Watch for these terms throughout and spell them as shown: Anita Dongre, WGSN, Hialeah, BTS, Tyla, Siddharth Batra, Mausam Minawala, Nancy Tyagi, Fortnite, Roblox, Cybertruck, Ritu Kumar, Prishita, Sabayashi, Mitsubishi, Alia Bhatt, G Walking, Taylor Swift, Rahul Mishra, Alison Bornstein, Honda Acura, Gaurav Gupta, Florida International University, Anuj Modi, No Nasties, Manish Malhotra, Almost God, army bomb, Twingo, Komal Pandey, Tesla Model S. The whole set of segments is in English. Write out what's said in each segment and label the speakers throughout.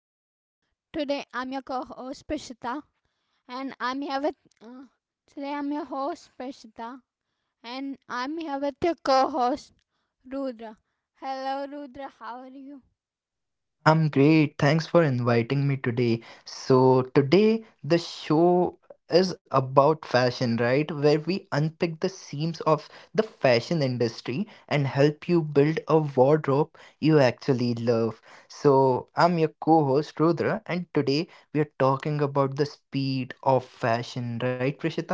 Speaker 1: your co-host Prishita, and I'm here with. Uh, Today I'm your host Prishita, and I'm here with your co-host Rudra. Hello Rudra, how are you?
Speaker 2: I'm great. Thanks for inviting me today. So, today the show is about fashion, right? Where we unpick the seams of the fashion industry and help you build a wardrobe you actually love. So, I'm your co host Rudra, and today we are talking about the speed of fashion, right, Prishita?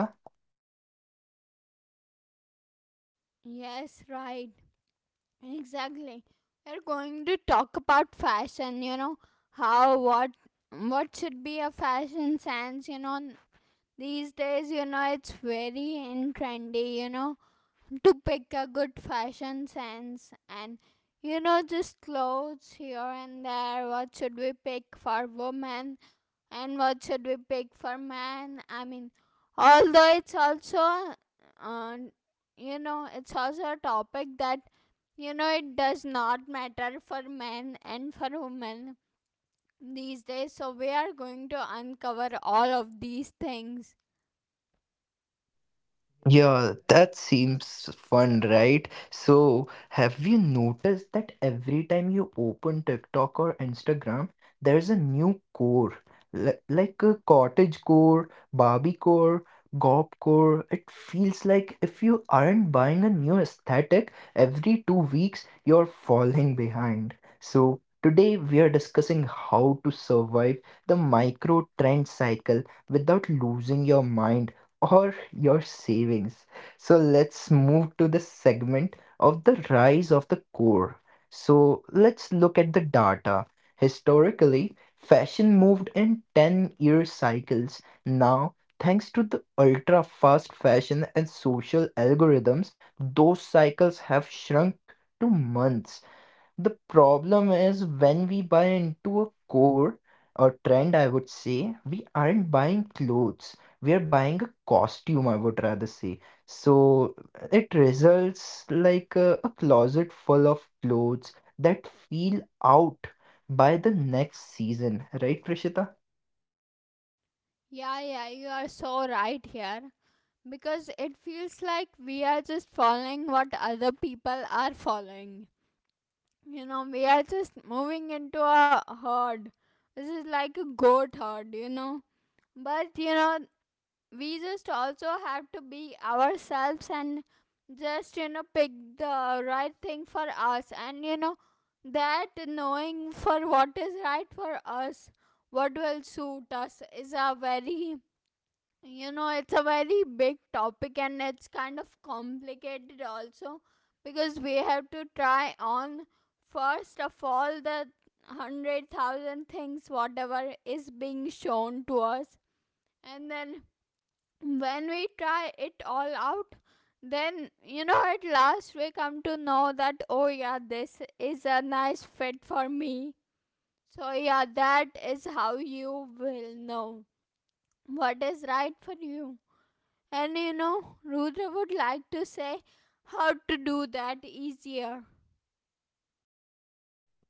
Speaker 1: Yes, right, exactly. We're going to talk about fashion. You know how what should be a fashion sense. You know these days, you know it's very in trendy. You know, to pick a good fashion sense and you know just clothes here and there, what should we pick for women and what should we pick for men? I mean, although it's also uh, you know, it's also a topic that, you know, it does not matter for men and for women these days. So we are going to uncover all of these things.
Speaker 2: Yeah, that seems fun, right? So, have you noticed that every time you open TikTok or Instagram, there's a new core, like a cottage core, Barbie core, gob core. It feels like if you aren't buying a new aesthetic every 2 weeks, you're falling behind. So, today we are discussing how to survive the micro trend cycle without losing your mind or your savings. So let's move to the segment of the rise of the core. So let's look at the data. Historically, fashion moved in 10-year cycles. Now, thanks to the ultra-fast fashion and social algorithms, those cycles have shrunk to months. The problem is when we buy into a core or trend, I would say, we aren't buying clothes. We are buying a costume, I would rather say. So it results like a closet full of clothes that feel out by the next season, right, Prishita?
Speaker 1: Yeah, you are so right here, because it feels like we are just following what other people are following. You know, we are just moving into a herd. This is like a goat herd, you know. But, you know, we just also have to be ourselves and just, you know, pick the right thing for us. And, you know, that knowing for what is right for us, what will suit us, is a very, you know, it's a very big topic and it's kind of complicated also, because we have to try on first of all the 100,000 things whatever is being shown to us, and then when we try it all out, then, you know, at last we come to know that, oh, yeah, this is a nice fit for me. So, yeah, that is how you will know what is right for you. And you know, Rudra would like to say how to do that easier.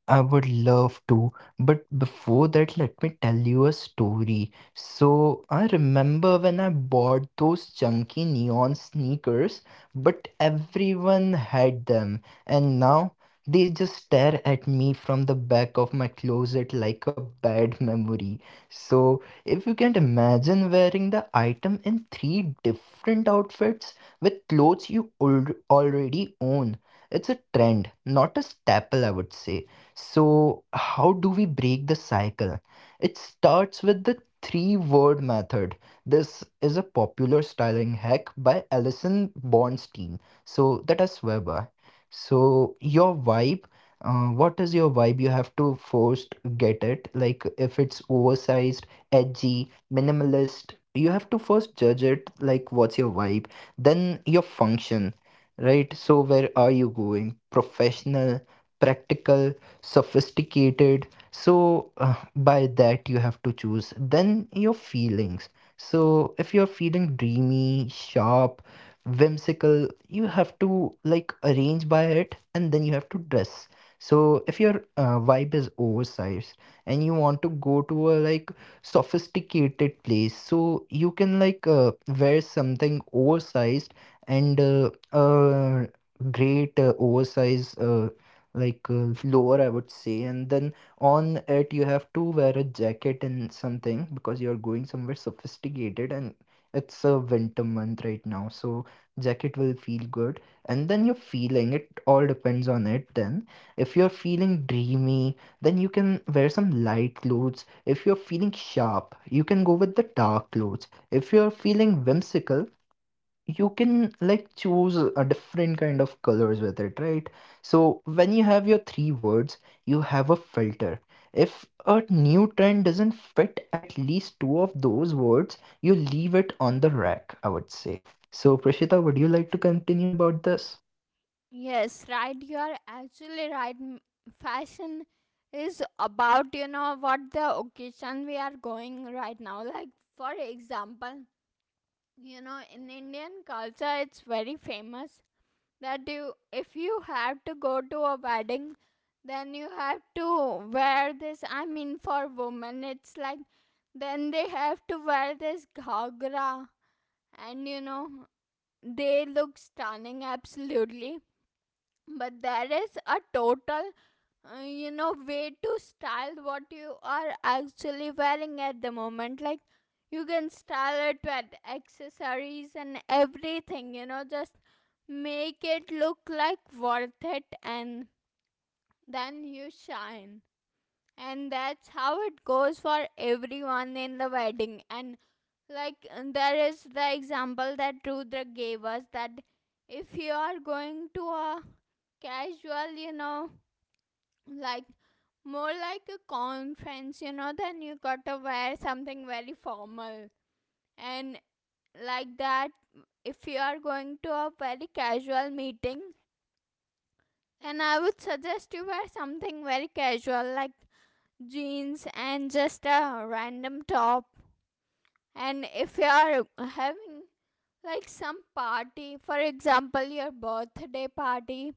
Speaker 2: I would love to, but before that, let me tell you a story. So, I remember when I bought those chunky neon sneakers, but everyone had them, and now they just stare at me from the back of my closet like a bad memory. So, if you can't imagine wearing the item in three different outfits with clothes you already own, it's a trend, not a staple, I would say. So, how do we break the cycle? It starts with the three word method. This is a popular styling hack by Alison Bornstein. So, that I swear by. So, your vibe, what is your vibe? You have to first get it. Like, if it's oversized, edgy, minimalist, you have to first judge it. Like, what's your vibe? Then, your function, right? So, where are you going? Professional, practical sophisticated. So by that you have to choose. Then your feelings, so if you're feeling dreamy, sharp, whimsical, you have to like arrange by it and then you have to dress. So if your vibe is oversized and you want to go to a like sophisticated place, so you can like wear something oversized and uh, great oversized like lower, I would say. And then on it, you have to wear a jacket and something because you're going somewhere sophisticated and it's a winter month right now. So jacket will feel good. And then your feeling, it all depends on it. Then if you're feeling dreamy, then you can wear some light clothes. If you're feeling sharp, you can go with the dark clothes. If you're feeling whimsical, you can like choose a different kind of colors with it, right? So when you have your three words, you have a filter. If a new trend doesn't fit at least two of those words, you leave it on the rack, I would say. So Prashita, would you like to continue about this?
Speaker 1: Yes, right. You are actually right. Fashion is about, you know, what the occasion we are going right now. Like, for example, you know, in Indian culture, it's very famous that you, if you have to go to a wedding, then you have to wear this. I mean, for women, it's like then they have to wear this ghagra and you know, they look stunning absolutely. But there is a total, you know, way to style what you are actually wearing at the moment. Like, you can style it with accessories and everything, you know, just make it look like worth it, and then you shine, and that's how it goes for everyone in the wedding. And like, there is the example that Rudra gave us, that if you are going to a casual, you know, like more like a conference, you know, then you got to wear something very formal. And like that, if you are going to a very casual meeting, and I would suggest you wear something very casual, like jeans and just a random top. And if you are having like some party, for example your birthday party,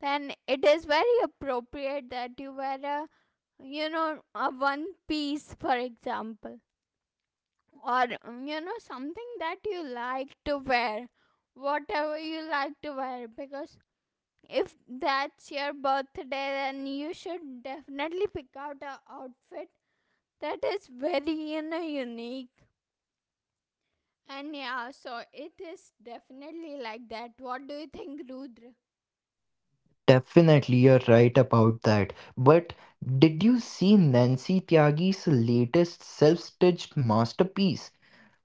Speaker 1: then it is very appropriate that you wear a, you know, a one piece for example, or you know, something that you like to wear, whatever you like to wear. Because if that's your birthday, then you should definitely pick out a outfit that is very, you know, unique. And yeah, so it is definitely like that. What do you think, Rudra?
Speaker 2: Definitely, you're right about that. But did you see Nancy Tyagi's latest self-stitched masterpiece?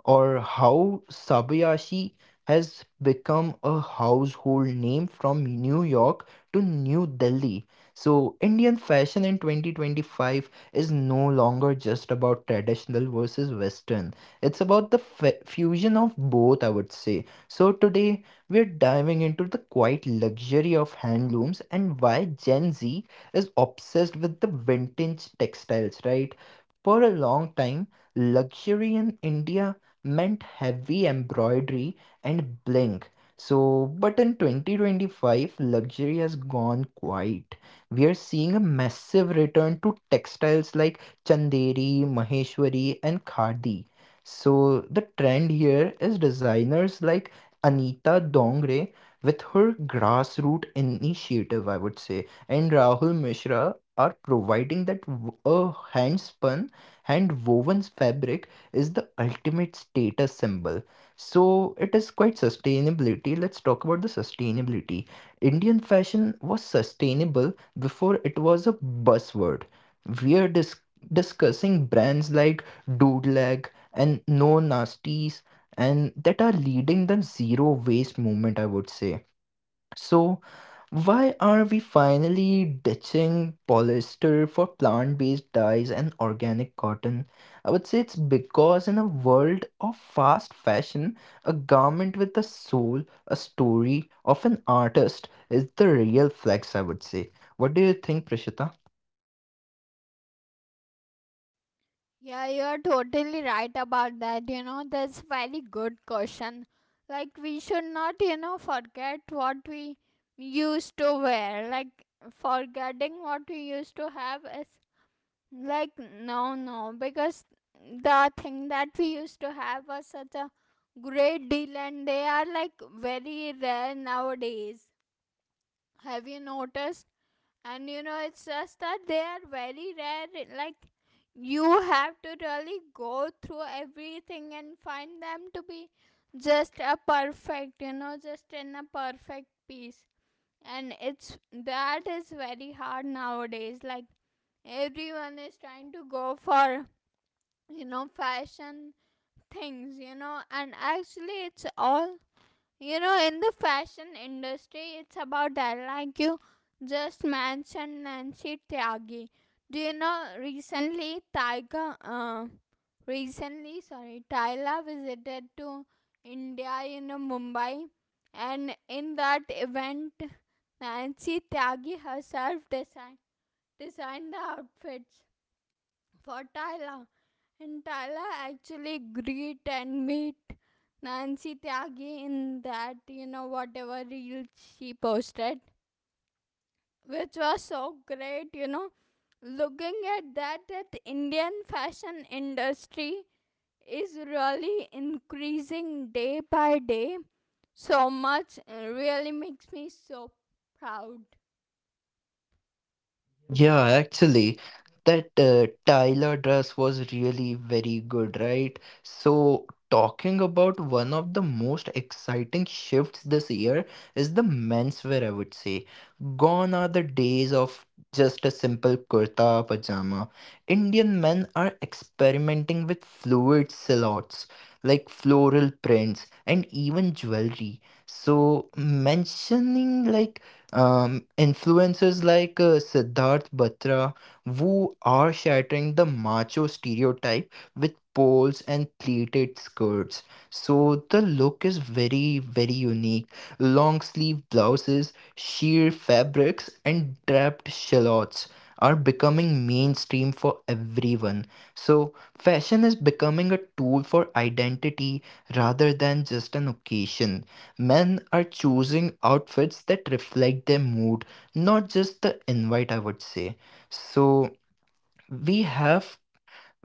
Speaker 2: Or how Sabayashi has become a household name from New York to New Delhi. So, Indian fashion in 2025 is no longer just about traditional versus Western. It's about the fusion of both, I would say. So, today we're diving into the quiet luxury of handlooms and why Gen Z is obsessed with the vintage textiles, right? For a long time, luxury in India meant heavy embroidery and bling. So, but in 2025, luxury has gone quiet. We are seeing a massive return to textiles like Chanderi, Maheshwari, and Khadi. So, the trend here is designers like Anita Dongre with her grassroots initiative, I would say, and Rahul Mishra are providing that a hand spun, hand woven fabric is the ultimate status symbol. So it is quite sustainability. Let's talk about the sustainability. Indian fashion was sustainable before it was a buzzword. We are discussing brands like Doodleg and No Nasties and that are leading the zero waste movement, I would say. So why are we finally ditching polyester for plant based dyes and organic cotton? I would say it's because in a world of fast fashion, a garment with a soul, a story of an artist is the real flex, I would say. What do you think, Prishita?
Speaker 1: Yeah, you're totally right about that. You know, that's very good question. Like we should not, you know, forget what we used to wear. Like forgetting what we used to have is like, no, no, because the thing that we used to have was such a great deal, and they are like very rare nowadays. Have you noticed? And you know, it's just that they are very rare. Like, you have to really go through everything and find them to be just a perfect, you know, just in a perfect piece. And it's that is very hard nowadays. Like, everyone is trying to go for, you know, fashion things, you know, and actually, it's all, you know, in the fashion industry, it's about that. Like you just mentioned Nancy Tyagi. Do you know recently Tyga? Recently, sorry, Tyla visited to India. You know, Mumbai, and in that event, Nancy Tyagi herself designed the outfits for Tyla. And Tyla actually greet and meet Nancy Tyagi in that, you know, whatever reel she posted, which was so great, you know. Looking at that, that Indian fashion industry is really increasing day by day so much, it really makes me so proud.
Speaker 2: Yeah, actually, that Tyler dress was really very good, right? So, talking about one of the most exciting shifts this year is the menswear, I would say. Gone are the days of just a simple kurta pajama. Indian men are experimenting with fluid silhouettes, like floral prints and even jewelry. So, mentioning like influencers like Siddharth Batra, who are shattering the macho stereotype with poles and pleated skirts. So the look is very, very unique. Long sleeve blouses, sheer fabrics, and draped shallots are becoming mainstream for everyone. So fashion is becoming a tool for identity rather than just an occasion. Men are choosing outfits that reflect their mood, not just the invite, I would say. So we have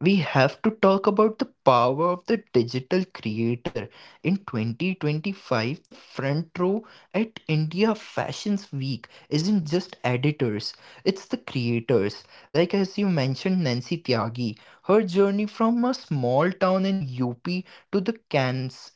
Speaker 2: we have to talk about the power of the digital creator. In 2025, the front row at India Fashions Week isn't just editors, it's the creators. Like as you mentioned, Nancy Tyagi, her journey from a small town in UP to the Cannes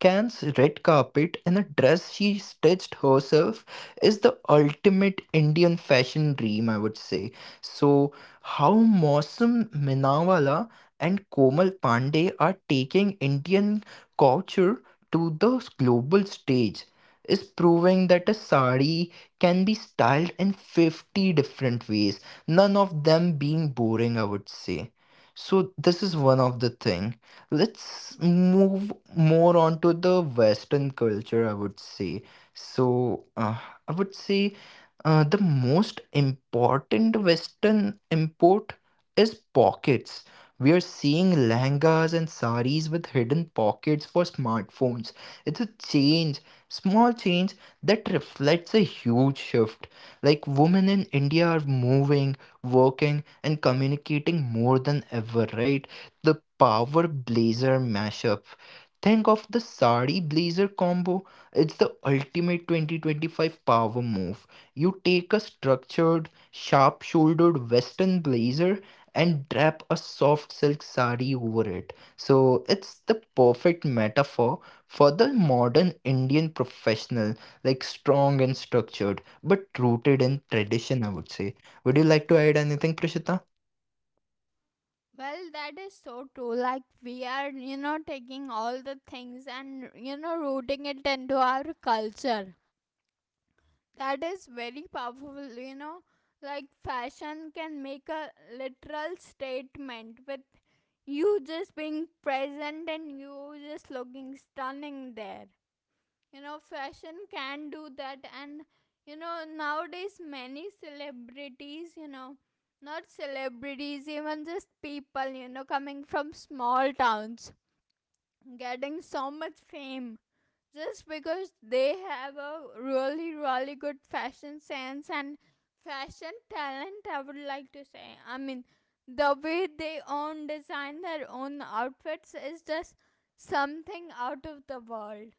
Speaker 2: Can's red carpet and a dress she stitched herself is the ultimate Indian fashion dream, I would say. So, how Mausam Minawala and Komal Pandey are taking Indian culture to the global stage is proving that a sari can be styled in 50 different ways, none of them being boring, I would say. So, this is one of the thing. Let's move more on to the Western culture, I would say. So, I would say the most important Western import is pockets. We are seeing langas and saris with hidden pockets for smartphones. It's a change, small change that reflects a huge shift. Like women in India are moving, working, and communicating more than ever, right? The power blazer mashup. Think of the sari blazer combo. It's the ultimate 2025 power move. You take a structured, sharp shouldered western blazer and wrap a soft silk sari over it. So it's the perfect metaphor for the modern Indian professional, like strong and structured, but rooted in tradition, I would say. Would you like to add anything, Prashita?
Speaker 1: Well, that is so true. Like, we are, you know, taking all the things and, you know, rooting it into our culture. That is very powerful, you know. Like, fashion can make a literal statement with you just being present and you just looking stunning there, you know, fashion can do that. And you know, nowadays, many celebrities, you know, not celebrities, even just people, you know, coming from small towns, getting so much fame just because they have a really really good fashion sense and fashion talent, I would like to say. I mean, the way they own design their own outfits is just something out of the world.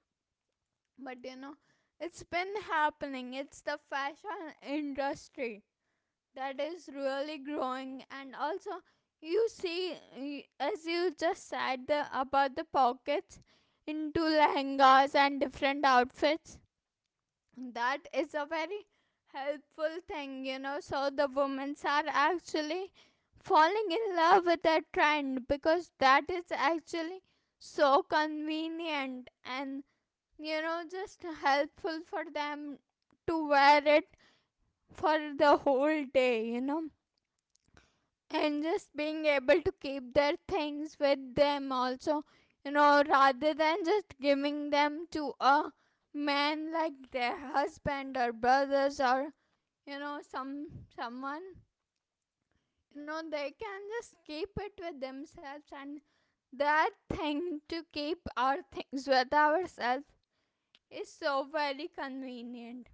Speaker 1: But you know, it's been happening. It's the fashion industry that is really growing. And also you see, as you just said the, about the pockets into lehengas and different outfits, that is a very helpful thing, you know. So the women are actually falling in love with that trend, because that is actually so convenient and you know, just helpful for them to wear it for the whole day, you know, and just being able to keep their things with them also, you know, rather than just giving them to a man, like their husband or brothers or you know, some someone, you know, they can just keep it with themselves. And that thing, to keep our things with ourselves, is so very convenient.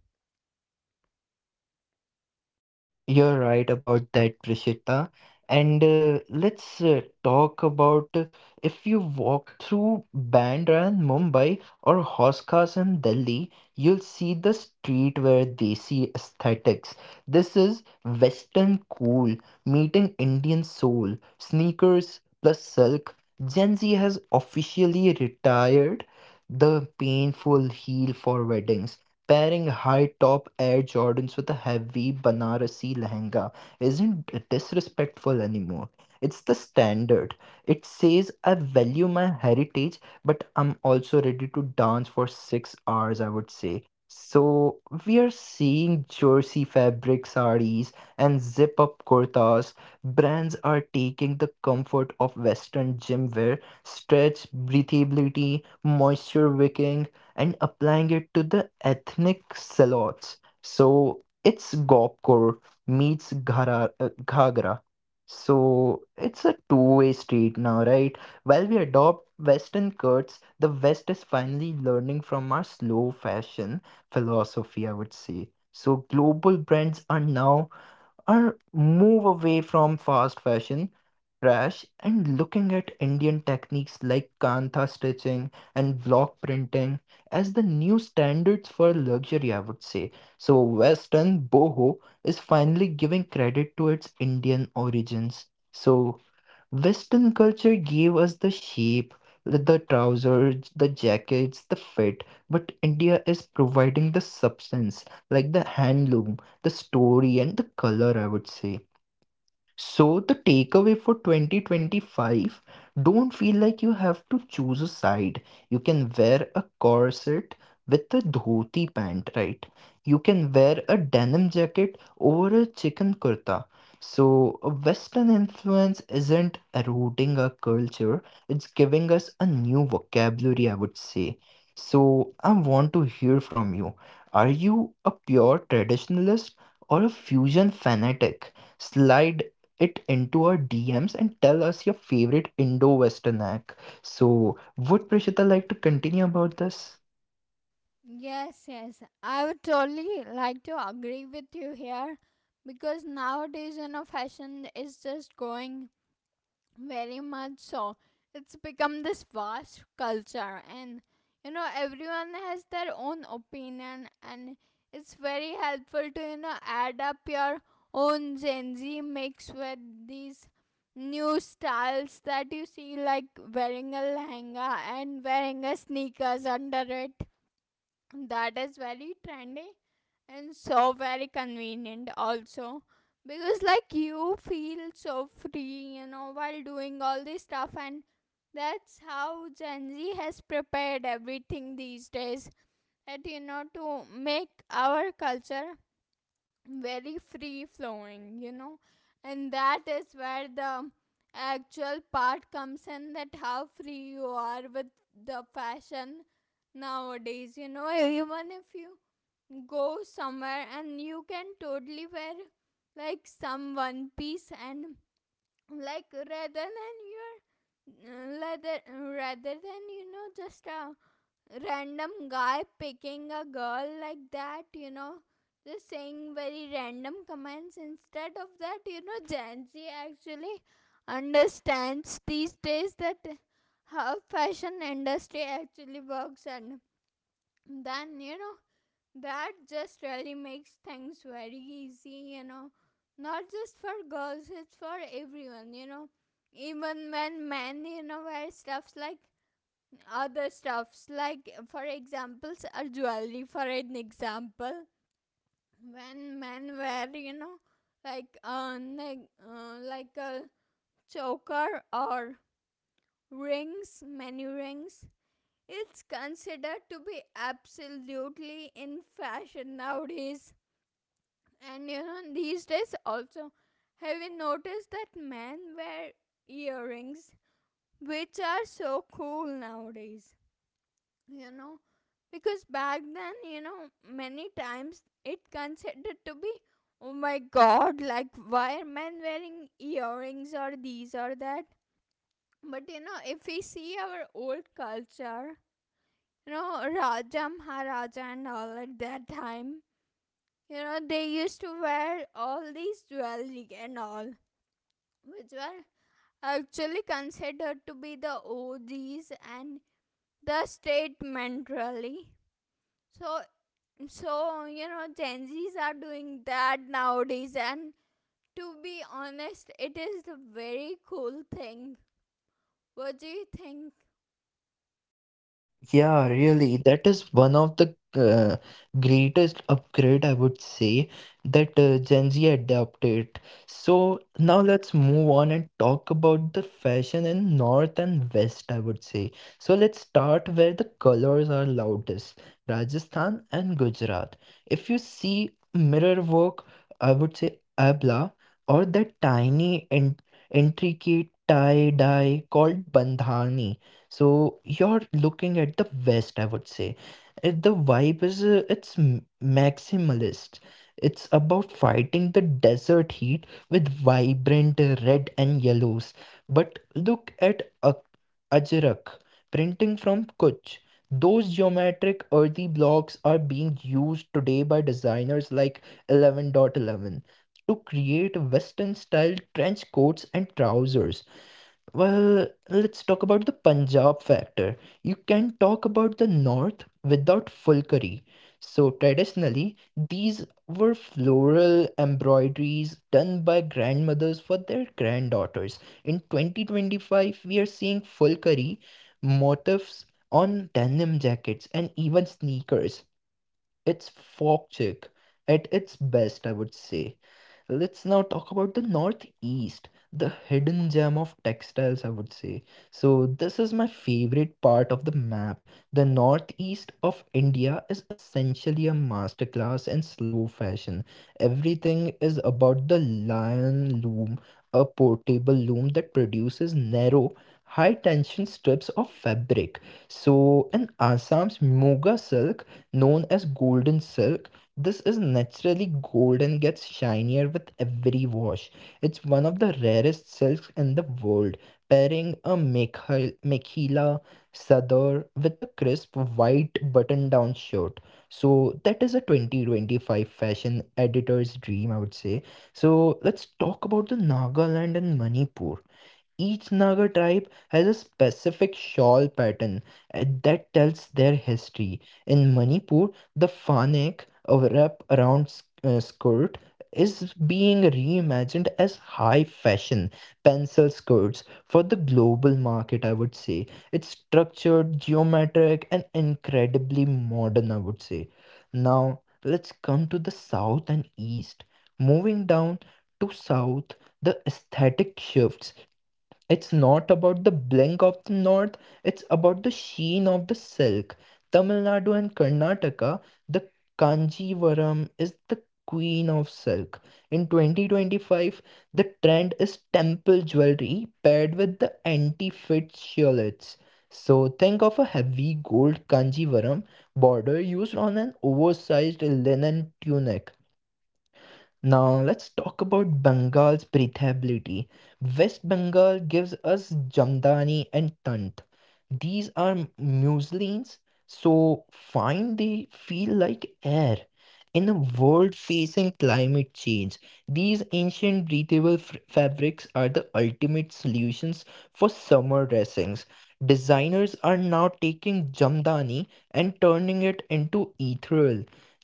Speaker 2: You're right about that, Prishita. And let's talk about if you walk through Bandra and Mumbai or Hoskas and Delhi, you'll see the streetwear desi aesthetics. This is Western cool meeting Indian soul, sneakers plus silk. Gen Z has officially retired the painful heel for weddings. Pairing high top Air Jordans with a heavy Banarasi lehenga isn't disrespectful anymore. It's the standard. It says, I value my heritage, but I'm also ready to dance for 6 hours, I would say. So, we are seeing jersey fabric saris and zip up kurtas. Brands are taking the comfort of Western gym wear, stretch, breathability, moisture wicking, and applying it to the ethnic salons. So it's Gopkor meets Ghara, Ghagra. So it's a two-way street now, right? While we adopt Western cuts, the West is finally learning from our slow fashion philosophy, I would say. So global brands are now or move away from fast fashion trash and looking at Indian techniques like kantha stitching and block printing as the new standards for luxury, I would say. So, Western boho is finally giving credit to its Indian origins. So, Western culture gave us the shape, the trousers, the jackets, the fit, but India is providing the substance, like the handloom, the story, and the color, I would say. So, the takeaway for 2025, don't feel like you have to choose a side. You can wear a corset with a dhoti pant, right? You can wear a denim jacket over a chicken kurta. So, a Western influence isn't eroding our culture, it's giving us a new vocabulary, I would say. So, I want to hear from you. Are you a pure traditionalist or a fusion fanatic? Slide it into our DMs and tell us your favorite Indo Western act. So, would Prishita like to continue about this?
Speaker 1: Yes, yes. I would totally like to agree with you here, because nowadays, you know, fashion is just going very much so. It's become this vast culture, and you know, everyone has their own opinion, and it's very helpful to, you know, add up your own Gen Z mix with these new styles that you see, like wearing a lehenga and wearing a sneakers under it, that is very trendy and so very convenient also, because like you feel so free, you know, while doing all this stuff. And that's how Gen Z has prepared everything these days, that you know, to make our culture very free flowing, you know, and that is where the actual part comes in, that how free you are with the fashion nowadays. You know, even if you go somewhere and you can totally wear like some one piece, and like rather than your rather than you know, just a random guy picking a girl like that, you know, just saying very random comments. Instead of that, you know, Gen Z actually understands these days that how fashion industry actually works, and then you know, that just really makes things very easy, you know. Not just for girls, it's for everyone, you know. Even when men, you know, wear stuffs like other stuffs, like for examples or jewelry for an example, when men wear, you know, like a choker, or rings, many rings, it's considered to be absolutely in fashion nowadays. And you know, these days also, have you noticed that men wear earrings, which are so cool nowadays, you know, because back then, you know, many times it considered to be, oh my god, like why are men wearing earrings or these or that. But you know, if we see our old culture, you know, raja maharaja and all, at that time, you know, they used to wear all these jewelry and all, which were actually considered to be the OG's. And the statement really, so, so, you know, Gen Zs are doing that nowadays, and to be honest, it is a very cool thing. What do you think?
Speaker 2: Yeah, really. That is one of the greatest upgrade, I would say, that Gen Z adopted. So now let's move on and talk about the fashion in North and West, I would say. So let's start where the colors are loudest, Rajasthan and Gujarat. If you see mirror work, I would say abla, or that tiny and intricate tie-dye called bandhani. So you're looking at the West, I would say. The vibe is it's maximalist. It's about fighting the desert heat with vibrant red and yellows. But look at Ajrak printing from Kutch. Those geometric earthy blocks are being used today by designers like Eleven Dot Eleven to create Western style trench coats and trousers. Well, let's talk about the Punjab factor. You can talk about the north without full curry. So, traditionally, these were floral embroideries done by grandmothers for their granddaughters. In 2025, we are seeing full curry motifs on denim jackets and even sneakers. It's folk chic at its best, I would say. Let's now talk about the Northeast, the hidden gem of textiles, I would say. So, this is my favorite part of the map. The Northeast of India is essentially a masterclass in slow fashion. Everything is about the lion loom, a portable loom that produces narrow, high tension strips of fabric. So, in Assam's Moga silk, known as golden silk, this is naturally gold and gets shinier with every wash. It's one of the rarest silks in the world, pairing a mekhila sadar with a crisp white button-down shirt. So that is a 2025 fashion editor's dream, I would say. So let's talk about the Nagaland and Manipur. Each Naga tribe has a specific shawl pattern that tells their history. In Manipur, the fanek, a wrap around skirt, is being reimagined as high fashion pencil skirts for the global market, I would say. It's structured, geometric, and incredibly modern, I would say. Now, let's come to the south and east. Moving down to south, the aesthetic shifts. It's not about the blink of the north, it's about the sheen of the silk. Tamil Nadu and Karnataka, the Kanjivaram is the queen of silk. In 2025, the trend is temple jewelry paired with the anti-fit shillets. So think of a heavy gold Kanjivaram border used on an oversized linen tunic. Now let's talk about Bengal's breathability. West Bengal gives us Jamdani and Tant. These are muslins, so fine they feel like air. In a world facing climate change, these ancient breathable fabrics are the ultimate solutions for summer dressings. Designers are now taking Jamdani and turning it into ethereal,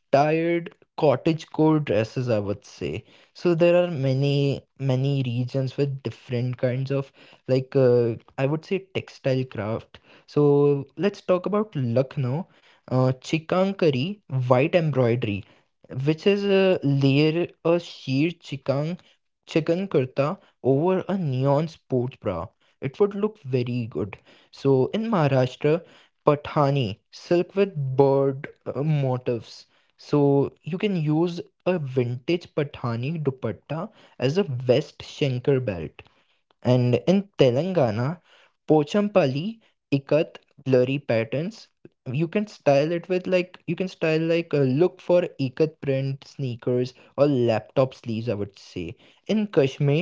Speaker 2: tired cottagecore dresses, I would say. So there are many many regions with different kinds of like uh, I would say textile craft. So let's talk about Lucknow, chikankari white embroidery, which is a layer, a sheer chikang chicken kurta over a neon sports bra. It would look very good. So in Maharashtra, Pathani silk with bird motifs. So you can use a vintage Pathani dupatta as a vest shanker belt. And in Telangana, Pochampalli ikat blurry patterns. You can style it with like you can style like a look for ikat print sneakers or laptop sleeves, I would say. In Kashmir,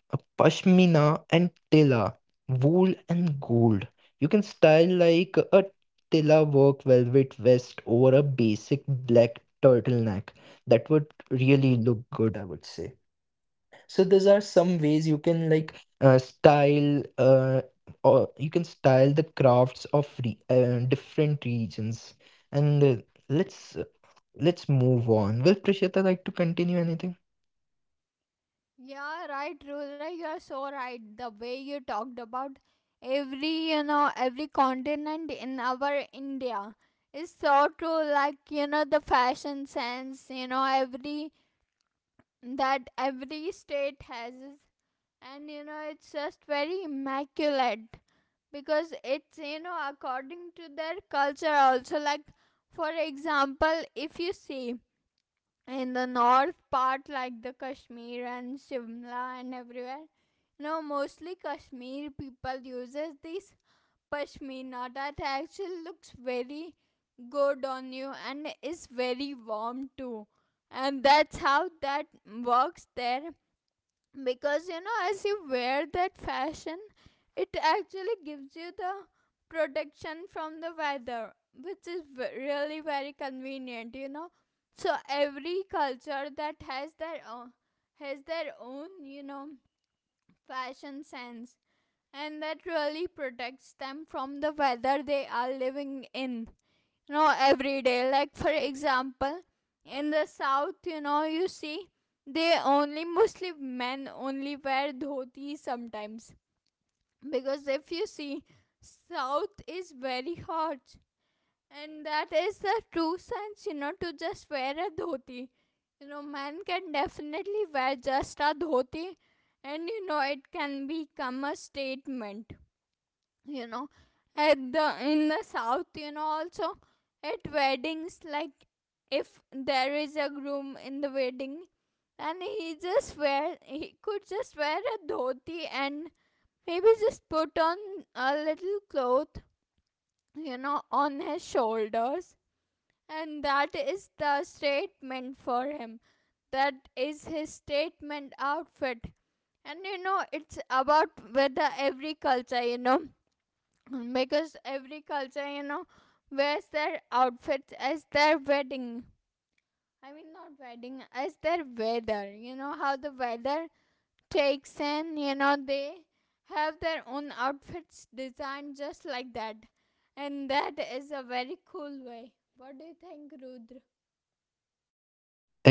Speaker 2: a pashmina and tela, wool and gold. You can style like a tela work velvet vest over a basic black turtleneck. That would really look good, I would say. So these are some ways you can like style or you can style the crafts of different regions. And let's uh, let's move on. Will Prishita like to continue anything?
Speaker 1: Yeah, right, Rudra, you're so right. The way you talked about every, you know, every continent in our India is so true. Like, you know, the fashion sense, you know, every that every state has, and you know, it's just very immaculate. Because it's, you know, according to their culture also. Like, for example, if you see in the north part, like the Kashmir and Shimla and everywhere, you know, mostly Kashmir people uses this pashmina that actually looks very good on you and is very warm too, and that's how that works there. Because, you know, as you wear that fashion, it actually gives you the protection from the weather, which is really very convenient, you know. So every culture that has their own, has their own, you know, fashion sense, and that really protects them from the weather they are living in, you know, every day. Like, for example, in the south, you know, you see, they only, mostly men only wear dhoti sometimes, because if you see, south is very hot, and that is the true sense, you know, to just wear a dhoti. You know, men can definitely wear just a dhoti, and you know, it can become a statement, you know. At the in the south, you know, also at weddings, like, if there is a groom in the wedding, and he could just wear a dhoti and maybe just put on a little cloth, you know, on his shoulders, and that is the statement for him. That is his statement outfit. And you know, it's about whether every culture, you know, because every culture, you know, wears their outfits as their wedding, I mean not wedding, as their weather, you know, how the weather takes in, you know. They have their own outfits designed just like that, and that is a very cool way. What do you think, Rudra?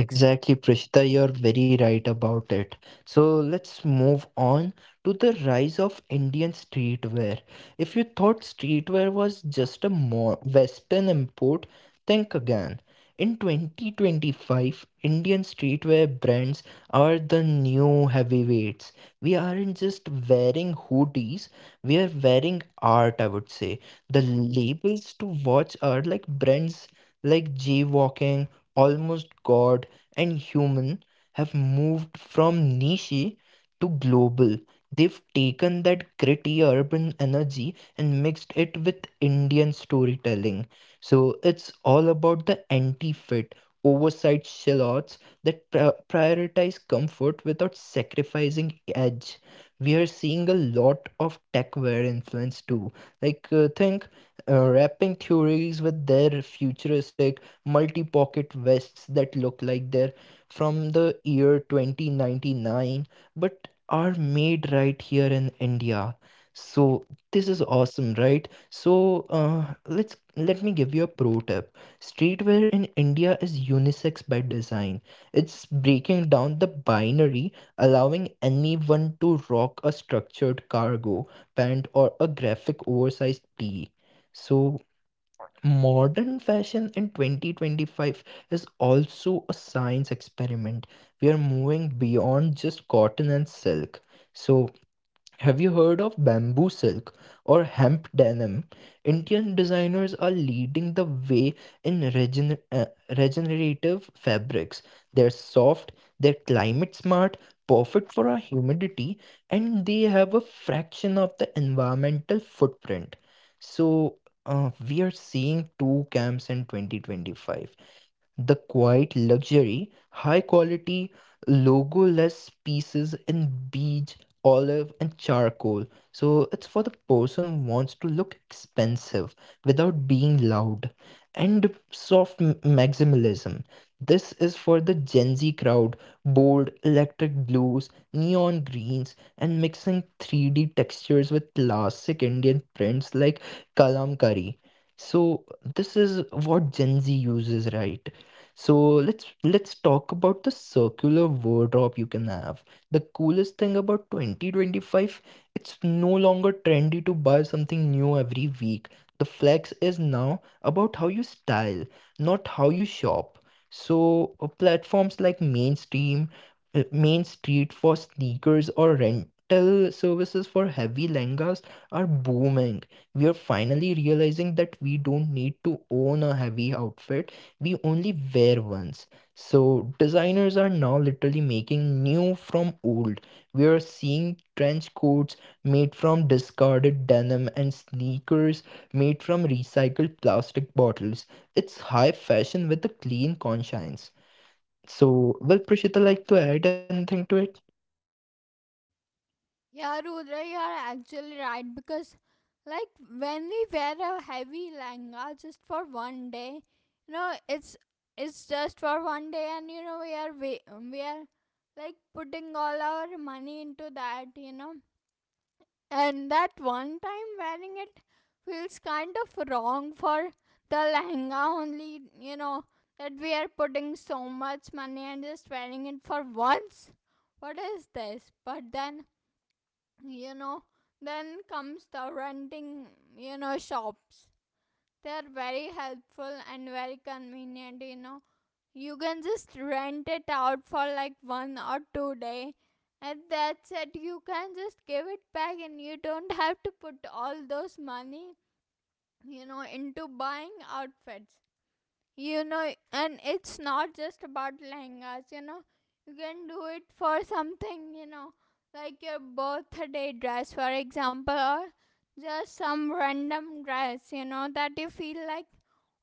Speaker 2: Exactly, Prishita, you're very right about it. So let's move on to the rise of Indian streetwear. If you thought streetwear was just a Western import, think again. In 2025, Indian streetwear brands are the new heavyweights. We aren't just wearing hoodies, we are wearing art, I would say. The labels to watch are like brands like G Walking, Almost God and human have moved from niche to global. They've taken that gritty urban energy and mixed it with Indian storytelling. So it's all about the anti fit, oversized shallots that prioritize comfort without sacrificing edge. We are seeing a lot of techwear influence too. Like, think wrapping theories with their futuristic multi pocket vests that look like they're from the year 2099 but are made right here in India. So this is awesome, right? So let's let me give you a pro tip. Streetwear in India is unisex by design. It's breaking down the binary, allowing anyone to rock a structured cargo pant or a graphic oversized tee. So modern fashion in 2025 is also a science experiment. We are moving beyond just cotton and silk. So, have you heard of bamboo silk or hemp denim? Indian designers are leading the way in regenerative fabrics. They're soft, they're climate smart, perfect for our humidity, and they have a fraction of the environmental footprint. So, we are seeing two camps in 2025. The quiet luxury, high quality, logo-less pieces in beige, olive, and charcoal. So it's for the person who wants to look expensive without being loud. And soft maximalism. This is for the Gen Z crowd, bold electric blues, neon greens, and mixing 3D textures with classic Indian prints like kalamkari. So this is what Gen Z uses, right? So let's talk about the circular wardrobe you can have. The coolest thing about 2025, it's no longer trendy to buy something new every week. The flex is now about how you style, not how you shop. So platforms like mainstream, Main Street for sneakers or rental services for heavy lengas are booming. We are finally realizing that we don't need to own a heavy outfit we only wear once. So designers are now literally making new from old. We are seeing trench coats made from discarded denim and sneakers made from recycled plastic bottles. It's high fashion with a clean conscience. So, will Prashita like to add anything to it?
Speaker 1: Yeah, Rudra, you are actually right because, like, when we wear a heavy lehenga just for one day, you know, it's just for one day, and you know, we are like putting all our money into that, you know, and that one time wearing it feels kind of wrong for the lehenga only, you know, that we are putting so much money and just wearing it for once. What is this? But then, you know, then comes the renting, you know, shops. They are very helpful and very convenient, you know. You can just rent it out for like one or two day, and that's it. You can just give it back, and you don't have to put all those money, you know, into buying outfits, you know. And it's not just about lehengas, you know. You can do it for something, you know, like your birthday dress, for example, or just some random dress, you know, that you feel like,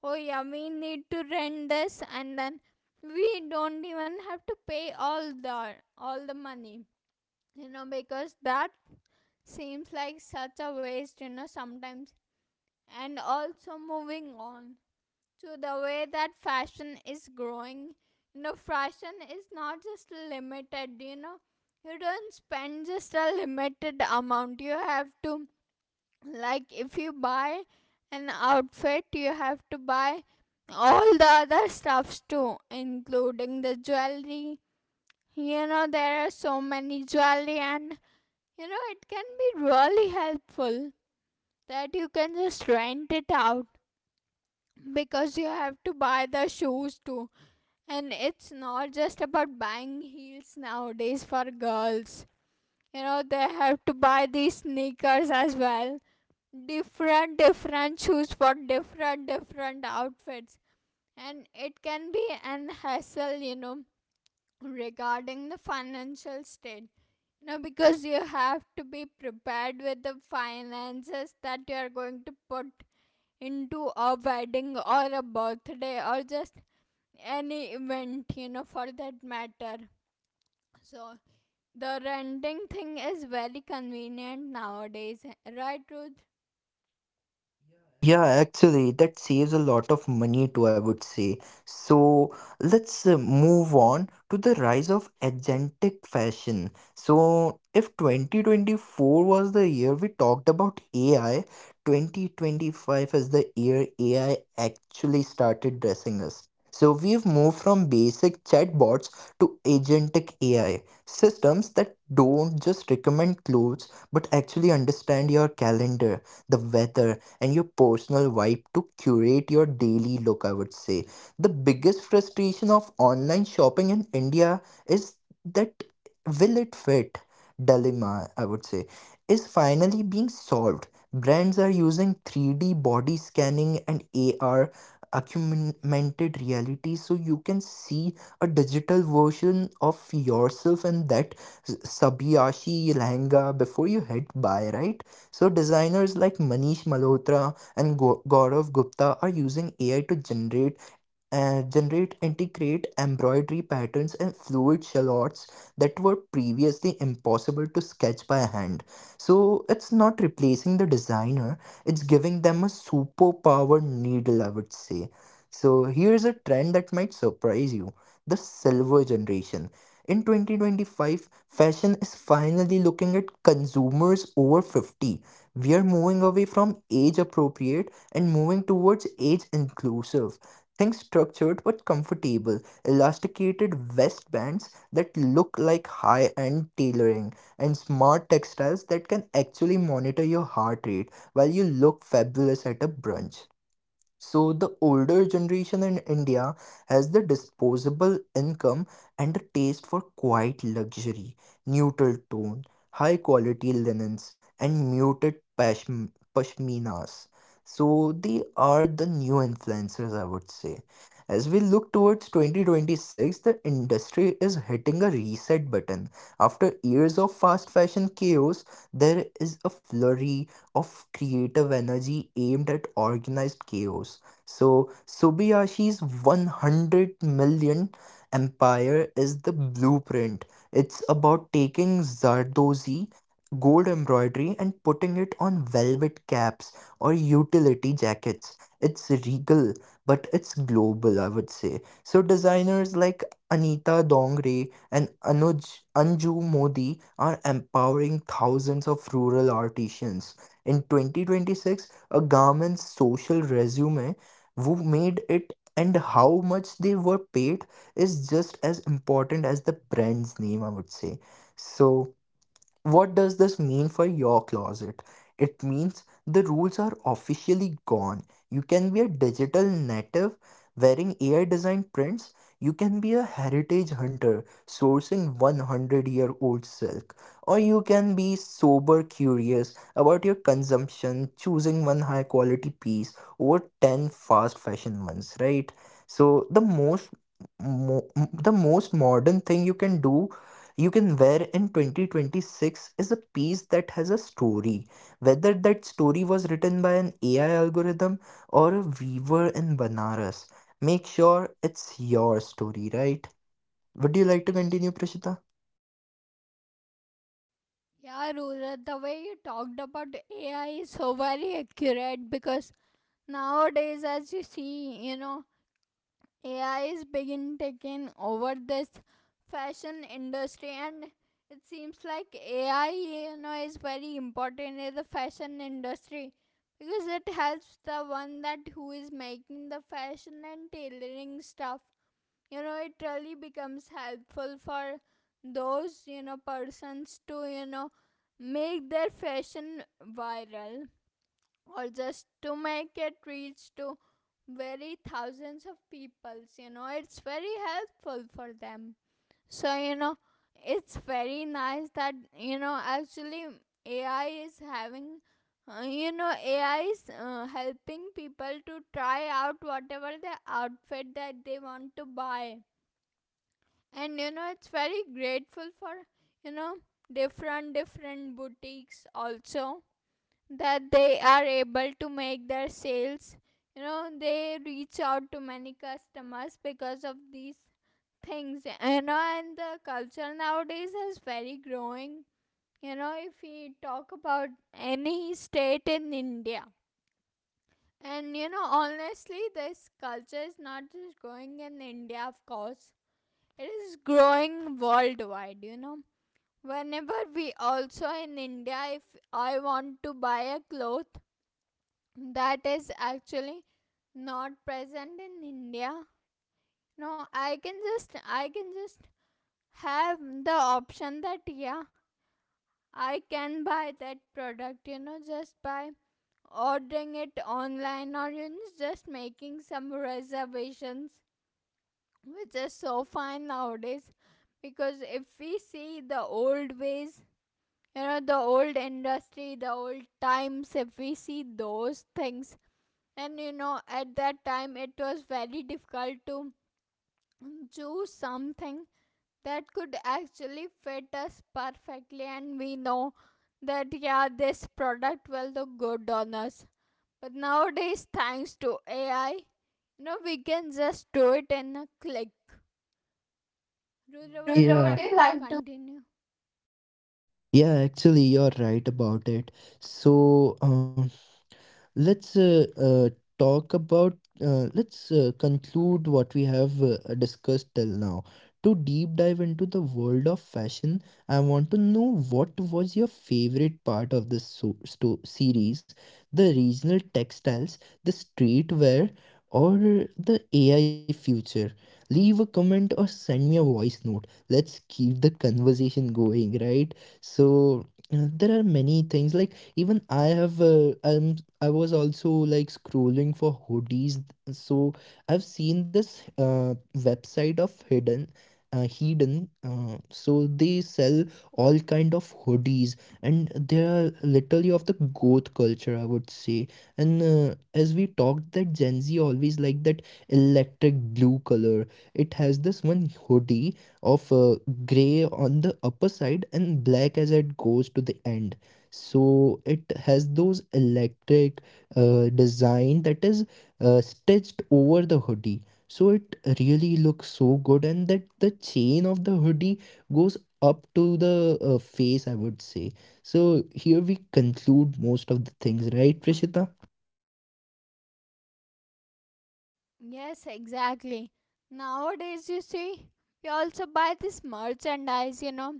Speaker 1: oh yeah, we need to rent this, and then we don't even have to pay all the money, you know, because that seems like such a waste, you know, sometimes. And also, moving on to the way that fashion is growing. You know, fashion is not just limited, you know, you don't spend just a limited amount. You have to, like, if you buy an outfit, you have to buy all the other stuffs too, including the jewelry. You know, there are so many jewelry, and you know, it can be really helpful that you can just rent it out, because you have to buy the shoes too. And it's not just about buying heels nowadays for girls. You know, they have to buy these sneakers as well. Different, different shoes for different, different outfits. And it can be an hassle, you know, regarding the financial state. No, because you have to be prepared with the finances that you are going to put into a wedding or a birthday or just any event, you know, for that matter. So the renting thing is very convenient nowadays, right, Ruth?
Speaker 2: Yeah, actually, that saves a lot of money too, I would say. So let's move on to the rise of agentic fashion. So, if 2024 was the year we talked about AI, 2025 is the year AI actually started dressing us. So, we've moved from basic chatbots to agentic AI systems that don't just recommend clothes but actually understand your calendar, the weather and your personal vibe to curate your daily look, I would say. The biggest frustration of online shopping in India is that will it fit dilemma, I would say, is finally being solved. Brands are using 3D body scanning and AR, augmented reality, so you can see a digital version of yourself in that sabiyashi lehenga before you hit buy, right? So designers like Manish Malhotra and Gaurav Gupta are using AI to generate intricate embroidery patterns and fluid shallots that were previously impossible to sketch by hand. So it's not replacing the designer, it's giving them a superpower needle, I would say. So here's a trend that might surprise you, the silver generation. In 2025, fashion is finally looking at consumers over 50. We are moving away from age appropriate and moving towards age inclusive. Think structured but comfortable, elasticated waistbands that look like high end tailoring, and smart textiles that can actually monitor your heart rate while you look fabulous at a brunch. So the older generation in India has the disposable income and a taste for quiet luxury, neutral tone, high quality linens, and muted pashminas. So they are the new influencers, I would say. As we look towards 2026, the industry is hitting a reset button. After years of fast fashion chaos, there is a flurry of creative energy aimed at organized chaos. So, Sobiyashi's 100 million empire is the blueprint. It's about taking Zardozi gold embroidery and putting it on velvet caps or utility jackets. It's regal, but it's global, I would say. So, designers like Anita Dongre and Anju Modi are empowering thousands of rural artisans. In 2026, a garment's social resume, who made it and how much they were paid, is just as important as the brand's name, I would say. So, what does this mean for your closet? It means the rules are officially gone. You can be a digital native wearing AI designed prints. You can be a heritage hunter sourcing 100-year-old silk. Or you can be sober curious about your consumption, choosing one high quality piece over 10 fast fashion ones, right? So, the most modern thing you can do you can wear in 2026 is a piece that has a story. Whether that story was written by an AI algorithm or a weaver in Banaras, make sure it's your story, right? Would you like to continue, Prashita?
Speaker 1: Yeah, Ruth, the way you talked about AI is so very accurate because nowadays, as you see, you know, AI is begin taking over this fashion industry, and it seems like AI, you know, is very important in the fashion industry, because it helps the one that who is making the fashion and tailoring stuff, you know. It really becomes helpful for those, you know, persons to, you know, make their fashion viral, or just to make it reach to very thousands of people. You know, it's very helpful for them. So you know, it's very nice that, you know, actually AI is having, you know, AI is, helping people to try out whatever the outfit that they want to buy. And you know, it's very grateful for, you know, different different boutiques also, that they are able to make their sales, you know. They reach out to many customers because of these things, you know. And the culture nowadays is very growing, you know. If we talk about any state in India, and you know, honestly this culture is not just growing in India, of course it is growing worldwide, you know. Whenever we also in India, if I want to buy a cloth that is actually not present in India, no, I can just have the option that yeah, I can buy that product, you know, just by ordering it online, or you know, just making some reservations, which is so fun nowadays. Because if we see the old ways, you know, the old industry, the old times, if we see those things, and you know, at that time it was very difficult to choose something that could actually fit us perfectly and we know that yeah, this product will look good on us. But nowadays, thanks to AI, you know, we can just do it in a click. Rudra,
Speaker 2: Prashita,
Speaker 1: would
Speaker 2: would
Speaker 1: you
Speaker 2: Yeah,
Speaker 1: like
Speaker 2: you
Speaker 1: to
Speaker 2: like to?
Speaker 1: continue?
Speaker 2: Yeah, actually, you're right about it. So, Let's talk about, let's conclude what we have discussed till now. To deep dive into the world of fashion, I want to know what was your favorite part of this so- sto- series the regional textiles, the streetwear, or the AI future? Leave a comment or send me a voice note. Let's keep the conversation going, right? So, there are many things. Like even I have am I was also like scrolling for hoodies, so I've seen this uh, website of hidden. They sell all kind of hoodies and they are literally of the goth culture, I would say. And as we talked, that gen Z always like that electric blue color. It has this one hoodie of gray on the upper side and black as it goes to the end. So it has those electric design that is stitched over the hoodie. So it really looks so good, and that the chain of the hoodie goes up to the face, I would say. So here we conclude most of the things, right, Prishita?
Speaker 1: Yes, exactly. Nowadays, you see, we also buy this merchandise, you know,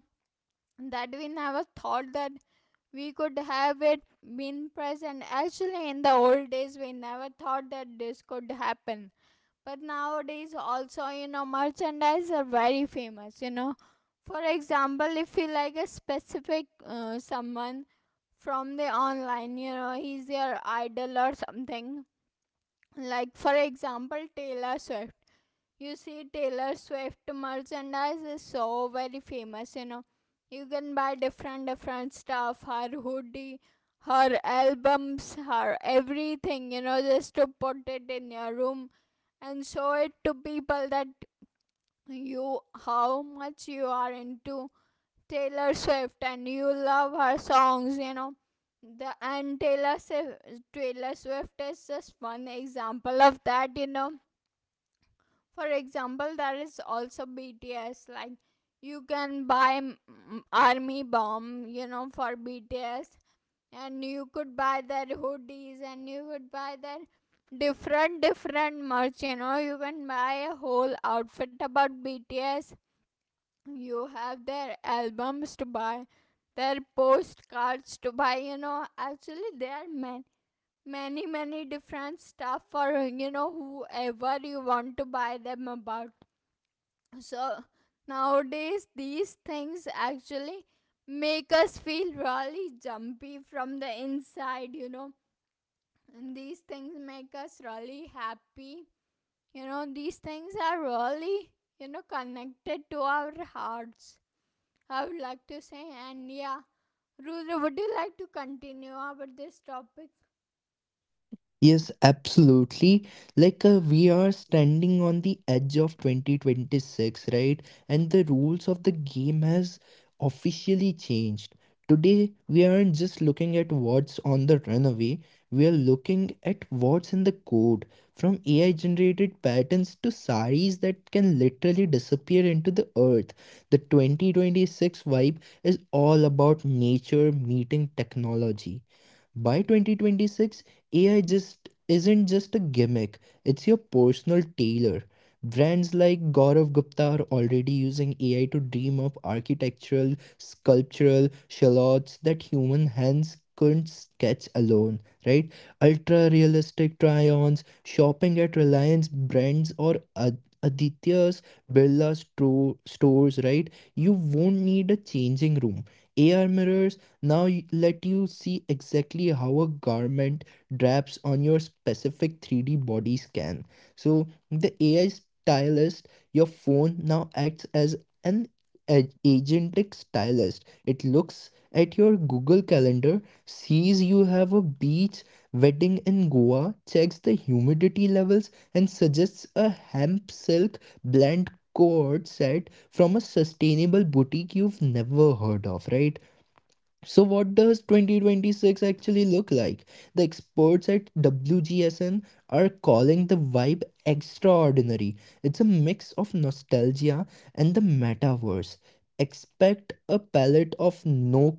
Speaker 1: that we never thought that we could have it been present. Actually, in the old days, we never thought that this could happen. But nowadays, also, you know, merchandise are very famous, you know. For example, if you like a specific someone from the online, you know, he's your idol or something, like, for example, Taylor Swift. You see, Taylor Swift merchandise is so very famous, you know. You can buy different, different stuff, her hoodie, her albums, her everything, you know, just to put it in your room and show it to people that you, how much you are into Taylor Swift and you love her songs, you know. The and Taylor Swift, Taylor Swift is just one example of that, you know. For example, there is also BTS. Like, you can buy, army bomb, you know, for BTS, and you could buy their hoodies, and you could buy their different different merch, you know. You can buy a whole outfit about BTS. You have their albums to buy, their postcards to buy, you know. Actually, there are many many many different stuff for, you know, whoever you want to buy them about. So nowadays these things actually make us feel really jumpy from the inside, you know, and these things make us really happy, you know. These things are really, you know, connected to our hearts, I would like to say. And yeah, Rudra, would you like to continue about this topic?
Speaker 2: Yes, absolutely. Like we are standing on the edge of 2026, right? And the rules of the game has officially changed. Today, we aren't just looking at what's on the runway, we are looking at what's in the code, from AI generated patterns to saris that can literally disappear into the earth. The 2026 vibe is all about nature meeting technology. By 2026, AI just isn't just a gimmick, it's your personal tailor. Brands like Gaurav Gupta are already using AI to dream up architectural, sculptural shallots that human hands couldn't sketch alone, right? Ultra realistic try ons, shopping at Reliance brands or Aditya's Birla stores, right? You won't need a changing room. AR mirrors now let you see exactly how a garment drapes on your specific 3D body scan. So the AI stylist, your phone now acts as an agentic stylist. It looks at your Google Calendar, sees you have a beach wedding in Goa, checks the humidity levels, and suggests a hemp silk blend cord set from a sustainable boutique you've never heard of, right? So, what does 2026 actually look like? The experts at WGSN are calling the vibe extraordinary. It's a mix of nostalgia and the metaverse. Expect a palette of no-nocturnal, no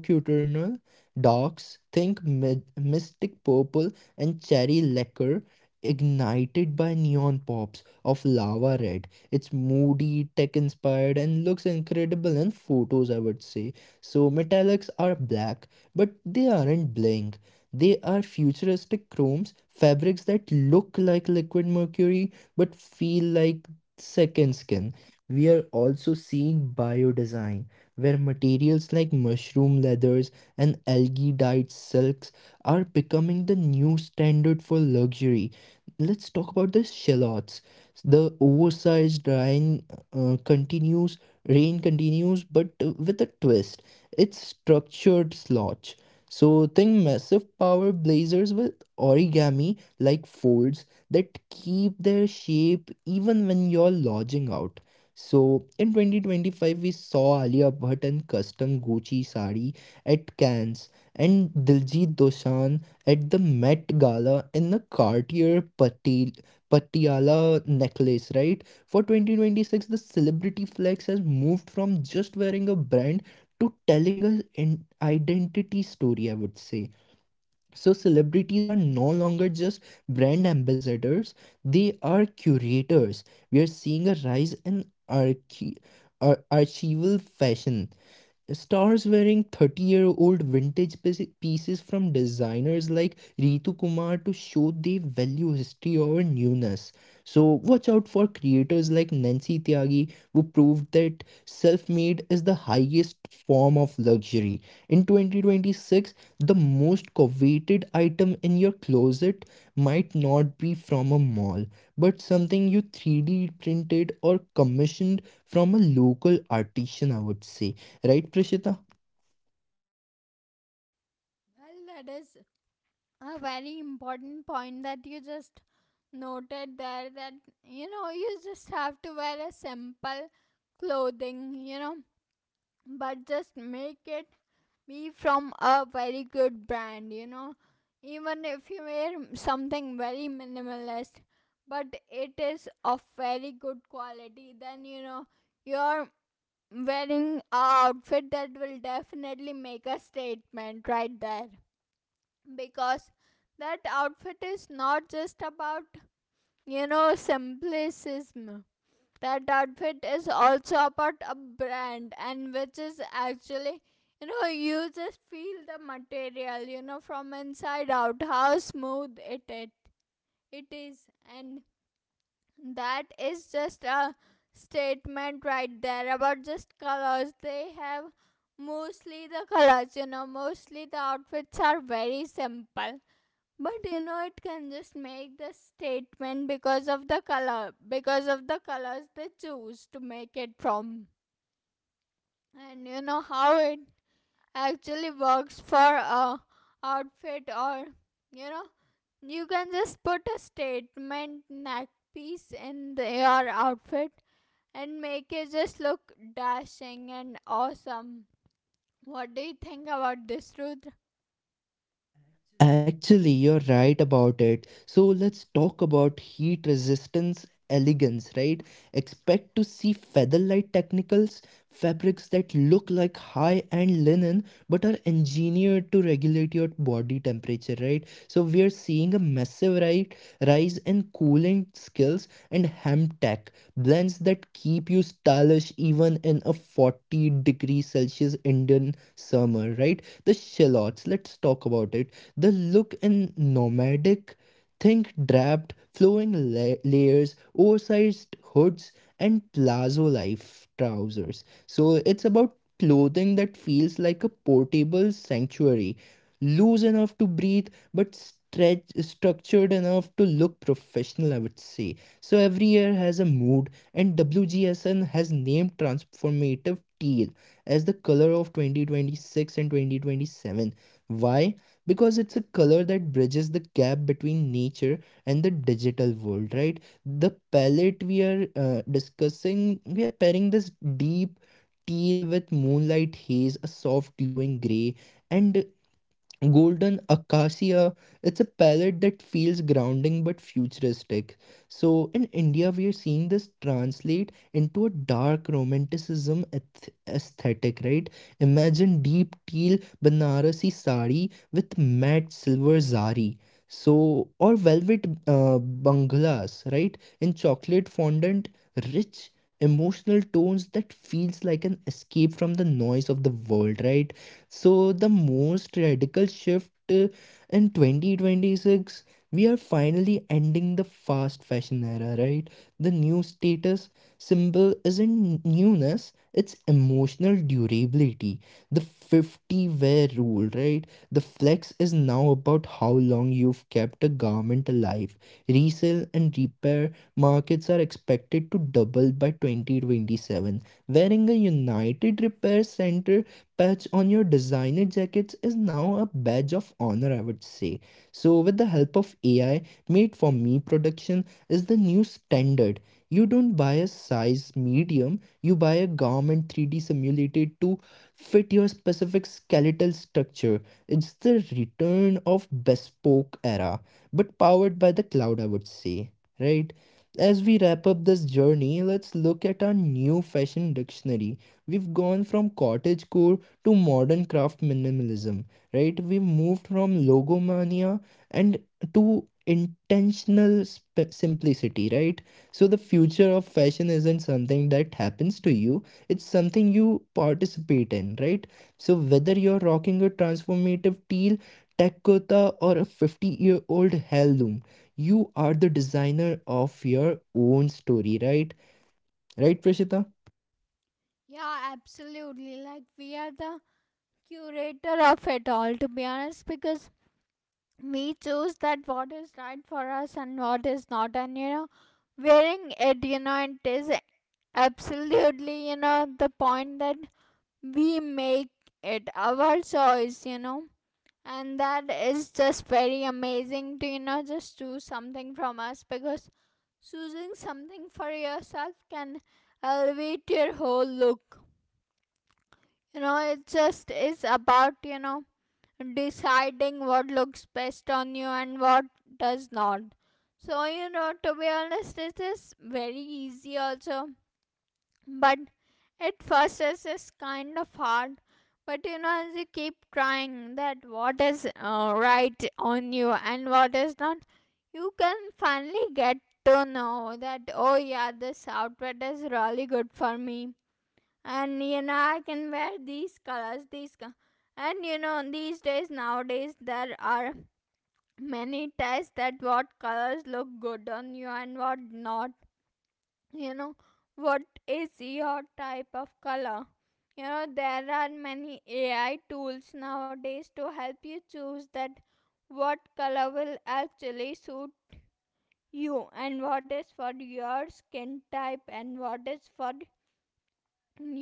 Speaker 2: cu- nocturnal darks, think mystic purple and cherry lacquer, ignited by neon pops of lava red. It's moody, tech inspired, and looks incredible in photos, I would say. So metallics are black, but they aren't bling. They are futuristic chromes, fabrics that look like liquid mercury but feel like second skin. We are also seeing biodesign, where materials like mushroom leathers and algae dyed silks are becoming the new standard for luxury. Let's talk about the shallots. The oversized uh, continues, rain continues, but with a twist. It's structured slots. So think massive power blazers with origami like folds that keep their shape even when you're lodging out. So in 2025 we saw Alia Bhatt and custom Gucci sari at Cannes and Diljit Dosanjh at the Met Gala in a Cartier Pati- Patiala necklace, right? For 2026, the celebrity flex has moved from just wearing a brand to telling a an identity story, I would say. So celebrities are no longer just brand ambassadors, they are curators. We are seeing a rise in archi- archival fashion. Stars wearing 30-year-old vintage pieces from designers like Ritu Kumar to show they value history over newness. So, watch out for creators like Nancy Tyagi, who proved that self made is the highest form of luxury. In 2026, the most coveted item in your closet might not be from a mall, but something you 3D printed or commissioned from a local artisan, I would say. Right Preshita.
Speaker 1: Well, that is a very important point that you just noted there, that you know, you just have to wear a simple clothing, you know, but just make it be from a very good brand, you know. Even if you wear something very minimalist, but it is of very good quality, then you know, you're wearing a outfit that will definitely make a statement right there. Because that outfit is not just about, you know, simplism. That outfit is also about a brand, and which is actually, you know, you just feel the material, you know, from inside out, how smooth it is. And that is just a statement right there. About just colors they have, mostly the colors, you know, mostly the outfits are very simple, but you know, it can just make the statement because of the color, because of the colors they choose to make it from. And you know how it actually works for a outfit, or you know, you can just put a statement neck piece in the, your outfit and make it just look dashing and awesome. What do you think about this, Rudra?
Speaker 2: Actually, you're right about it. So let's talk about heat resistance elegance, right? Expect to see featherlight technicals, fabrics that look like high-end linen but are engineered to regulate your body temperature, right? So we are seeing a rise in cooling skills and hemp tech blends that keep you stylish even in a 40-degree Celsius Indian summer, right? The shallots, let's talk about it. The look in nomadic, think draped, flowing layers, oversized hoods, and plazo life trousers. So it's about clothing that feels like a portable sanctuary, loose enough to breathe, but stretch structured enough to look professional, I would say. So every year has a mood, and WGSN has named transformative teal as the color of 2026 and 2027. Why? Because it's a color that bridges the gap between nature and the digital world, right? The palette we are discussing, we are pairing this deep teal with moonlight haze, a soft glowing gray, and Golden Acacia. It's a palette that feels grounding but futuristic. So, in India, we are seeing this translate into a dark romanticism aesthetic, right? Imagine deep teal Banarasi sari with matte silver zari. So, or velvet banglas, right? In chocolate fondant, rich emotional tones that feels like an escape from the noise of the world, right? So, the most radical shift, in 2026, we are finally ending the fast fashion era, right? The new status symbol isn't newness, it's emotional durability. The 50 wear rule, right? The flex is now about how long you've kept a garment alive. Resale and repair markets are expected to double by 2027. Wearing a United Repair Center patch on your designer jackets is now a badge of honor, I would say. So, with the help of AI, made for me production is the new standard. You don't buy a size medium, you buy a garment 3D simulated to fit your specific skeletal structure. It's the return of bespoke era, but powered by the cloud, I would say, right? As we wrap up this journey, let's look at our new fashion dictionary. We've gone from cottagecore to modern craft minimalism, right? We've moved from logomania and to intentional simplicity, right? So the future of fashion isn't something that happens to you, it's something you participate in, right? So whether you're rocking a transformative teal tech kurta or a 50-year-old heirloom, you are the designer of your own story, right? Right, Prashita?
Speaker 1: Yeah, absolutely. Like, we are the curator of it all, to be honest, because we choose that what is right for us and what is not. And you know, wearing it, you know, it is absolutely, you know, the point that we make it our choice, you know. And that is just very amazing to, you know, just choose something from us, because choosing something for yourself can elevate your whole look. You know, it just is about, you know, deciding what looks best on you and what does not. So, you know, to be honest, this is very easy also, but at first this is kind of hard. But you know, as you keep trying that what is right on you and what is not, you can finally get to know that oh yeah, this outfit is really good for me, and you know, I can wear these colors, and you know, these days nowadays there are many tests that what colors look good on you and what not, you know, what is your type of color. You know, there are many AI tools nowadays to help you choose that what color will actually suit you, and what is for your skin type, and what is for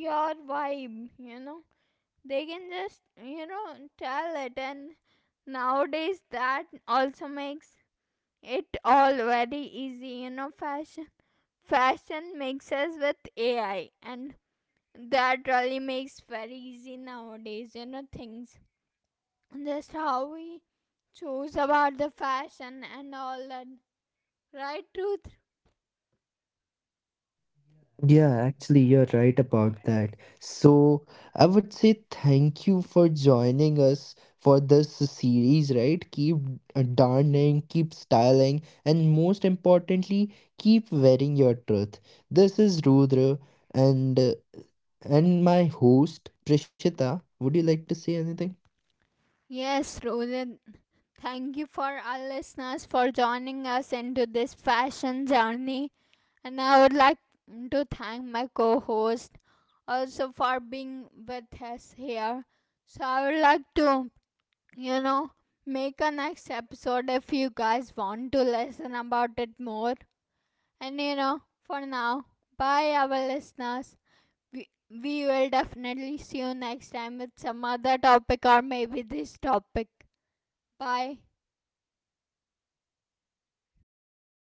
Speaker 1: your vibe, you know. They can just, you know, tell it. And nowadays that also makes it all very easy, you know. Fashion, fashion mixes with AI, and that really makes very easy nowadays, you know, things, just how we choose about the fashion and all that, right, truth
Speaker 2: Yeah, actually, you're right about that. So, I would say thank you for joining us for this series, right? Keep darning, keep styling, and most importantly, keep wearing your truth. This is Rudra and uh, and my host Prishita. Would you like to say anything?
Speaker 1: yes, Rohit, thank you for our listeners for joining us into this fashion journey. And I would like to thank my co host also for being with us here. So I would like to, you know, make a next episode if you guys want to listen about it more. And you know, for now, bye our listeners. We will definitely see you next time with some other topic or maybe this topic. Bye.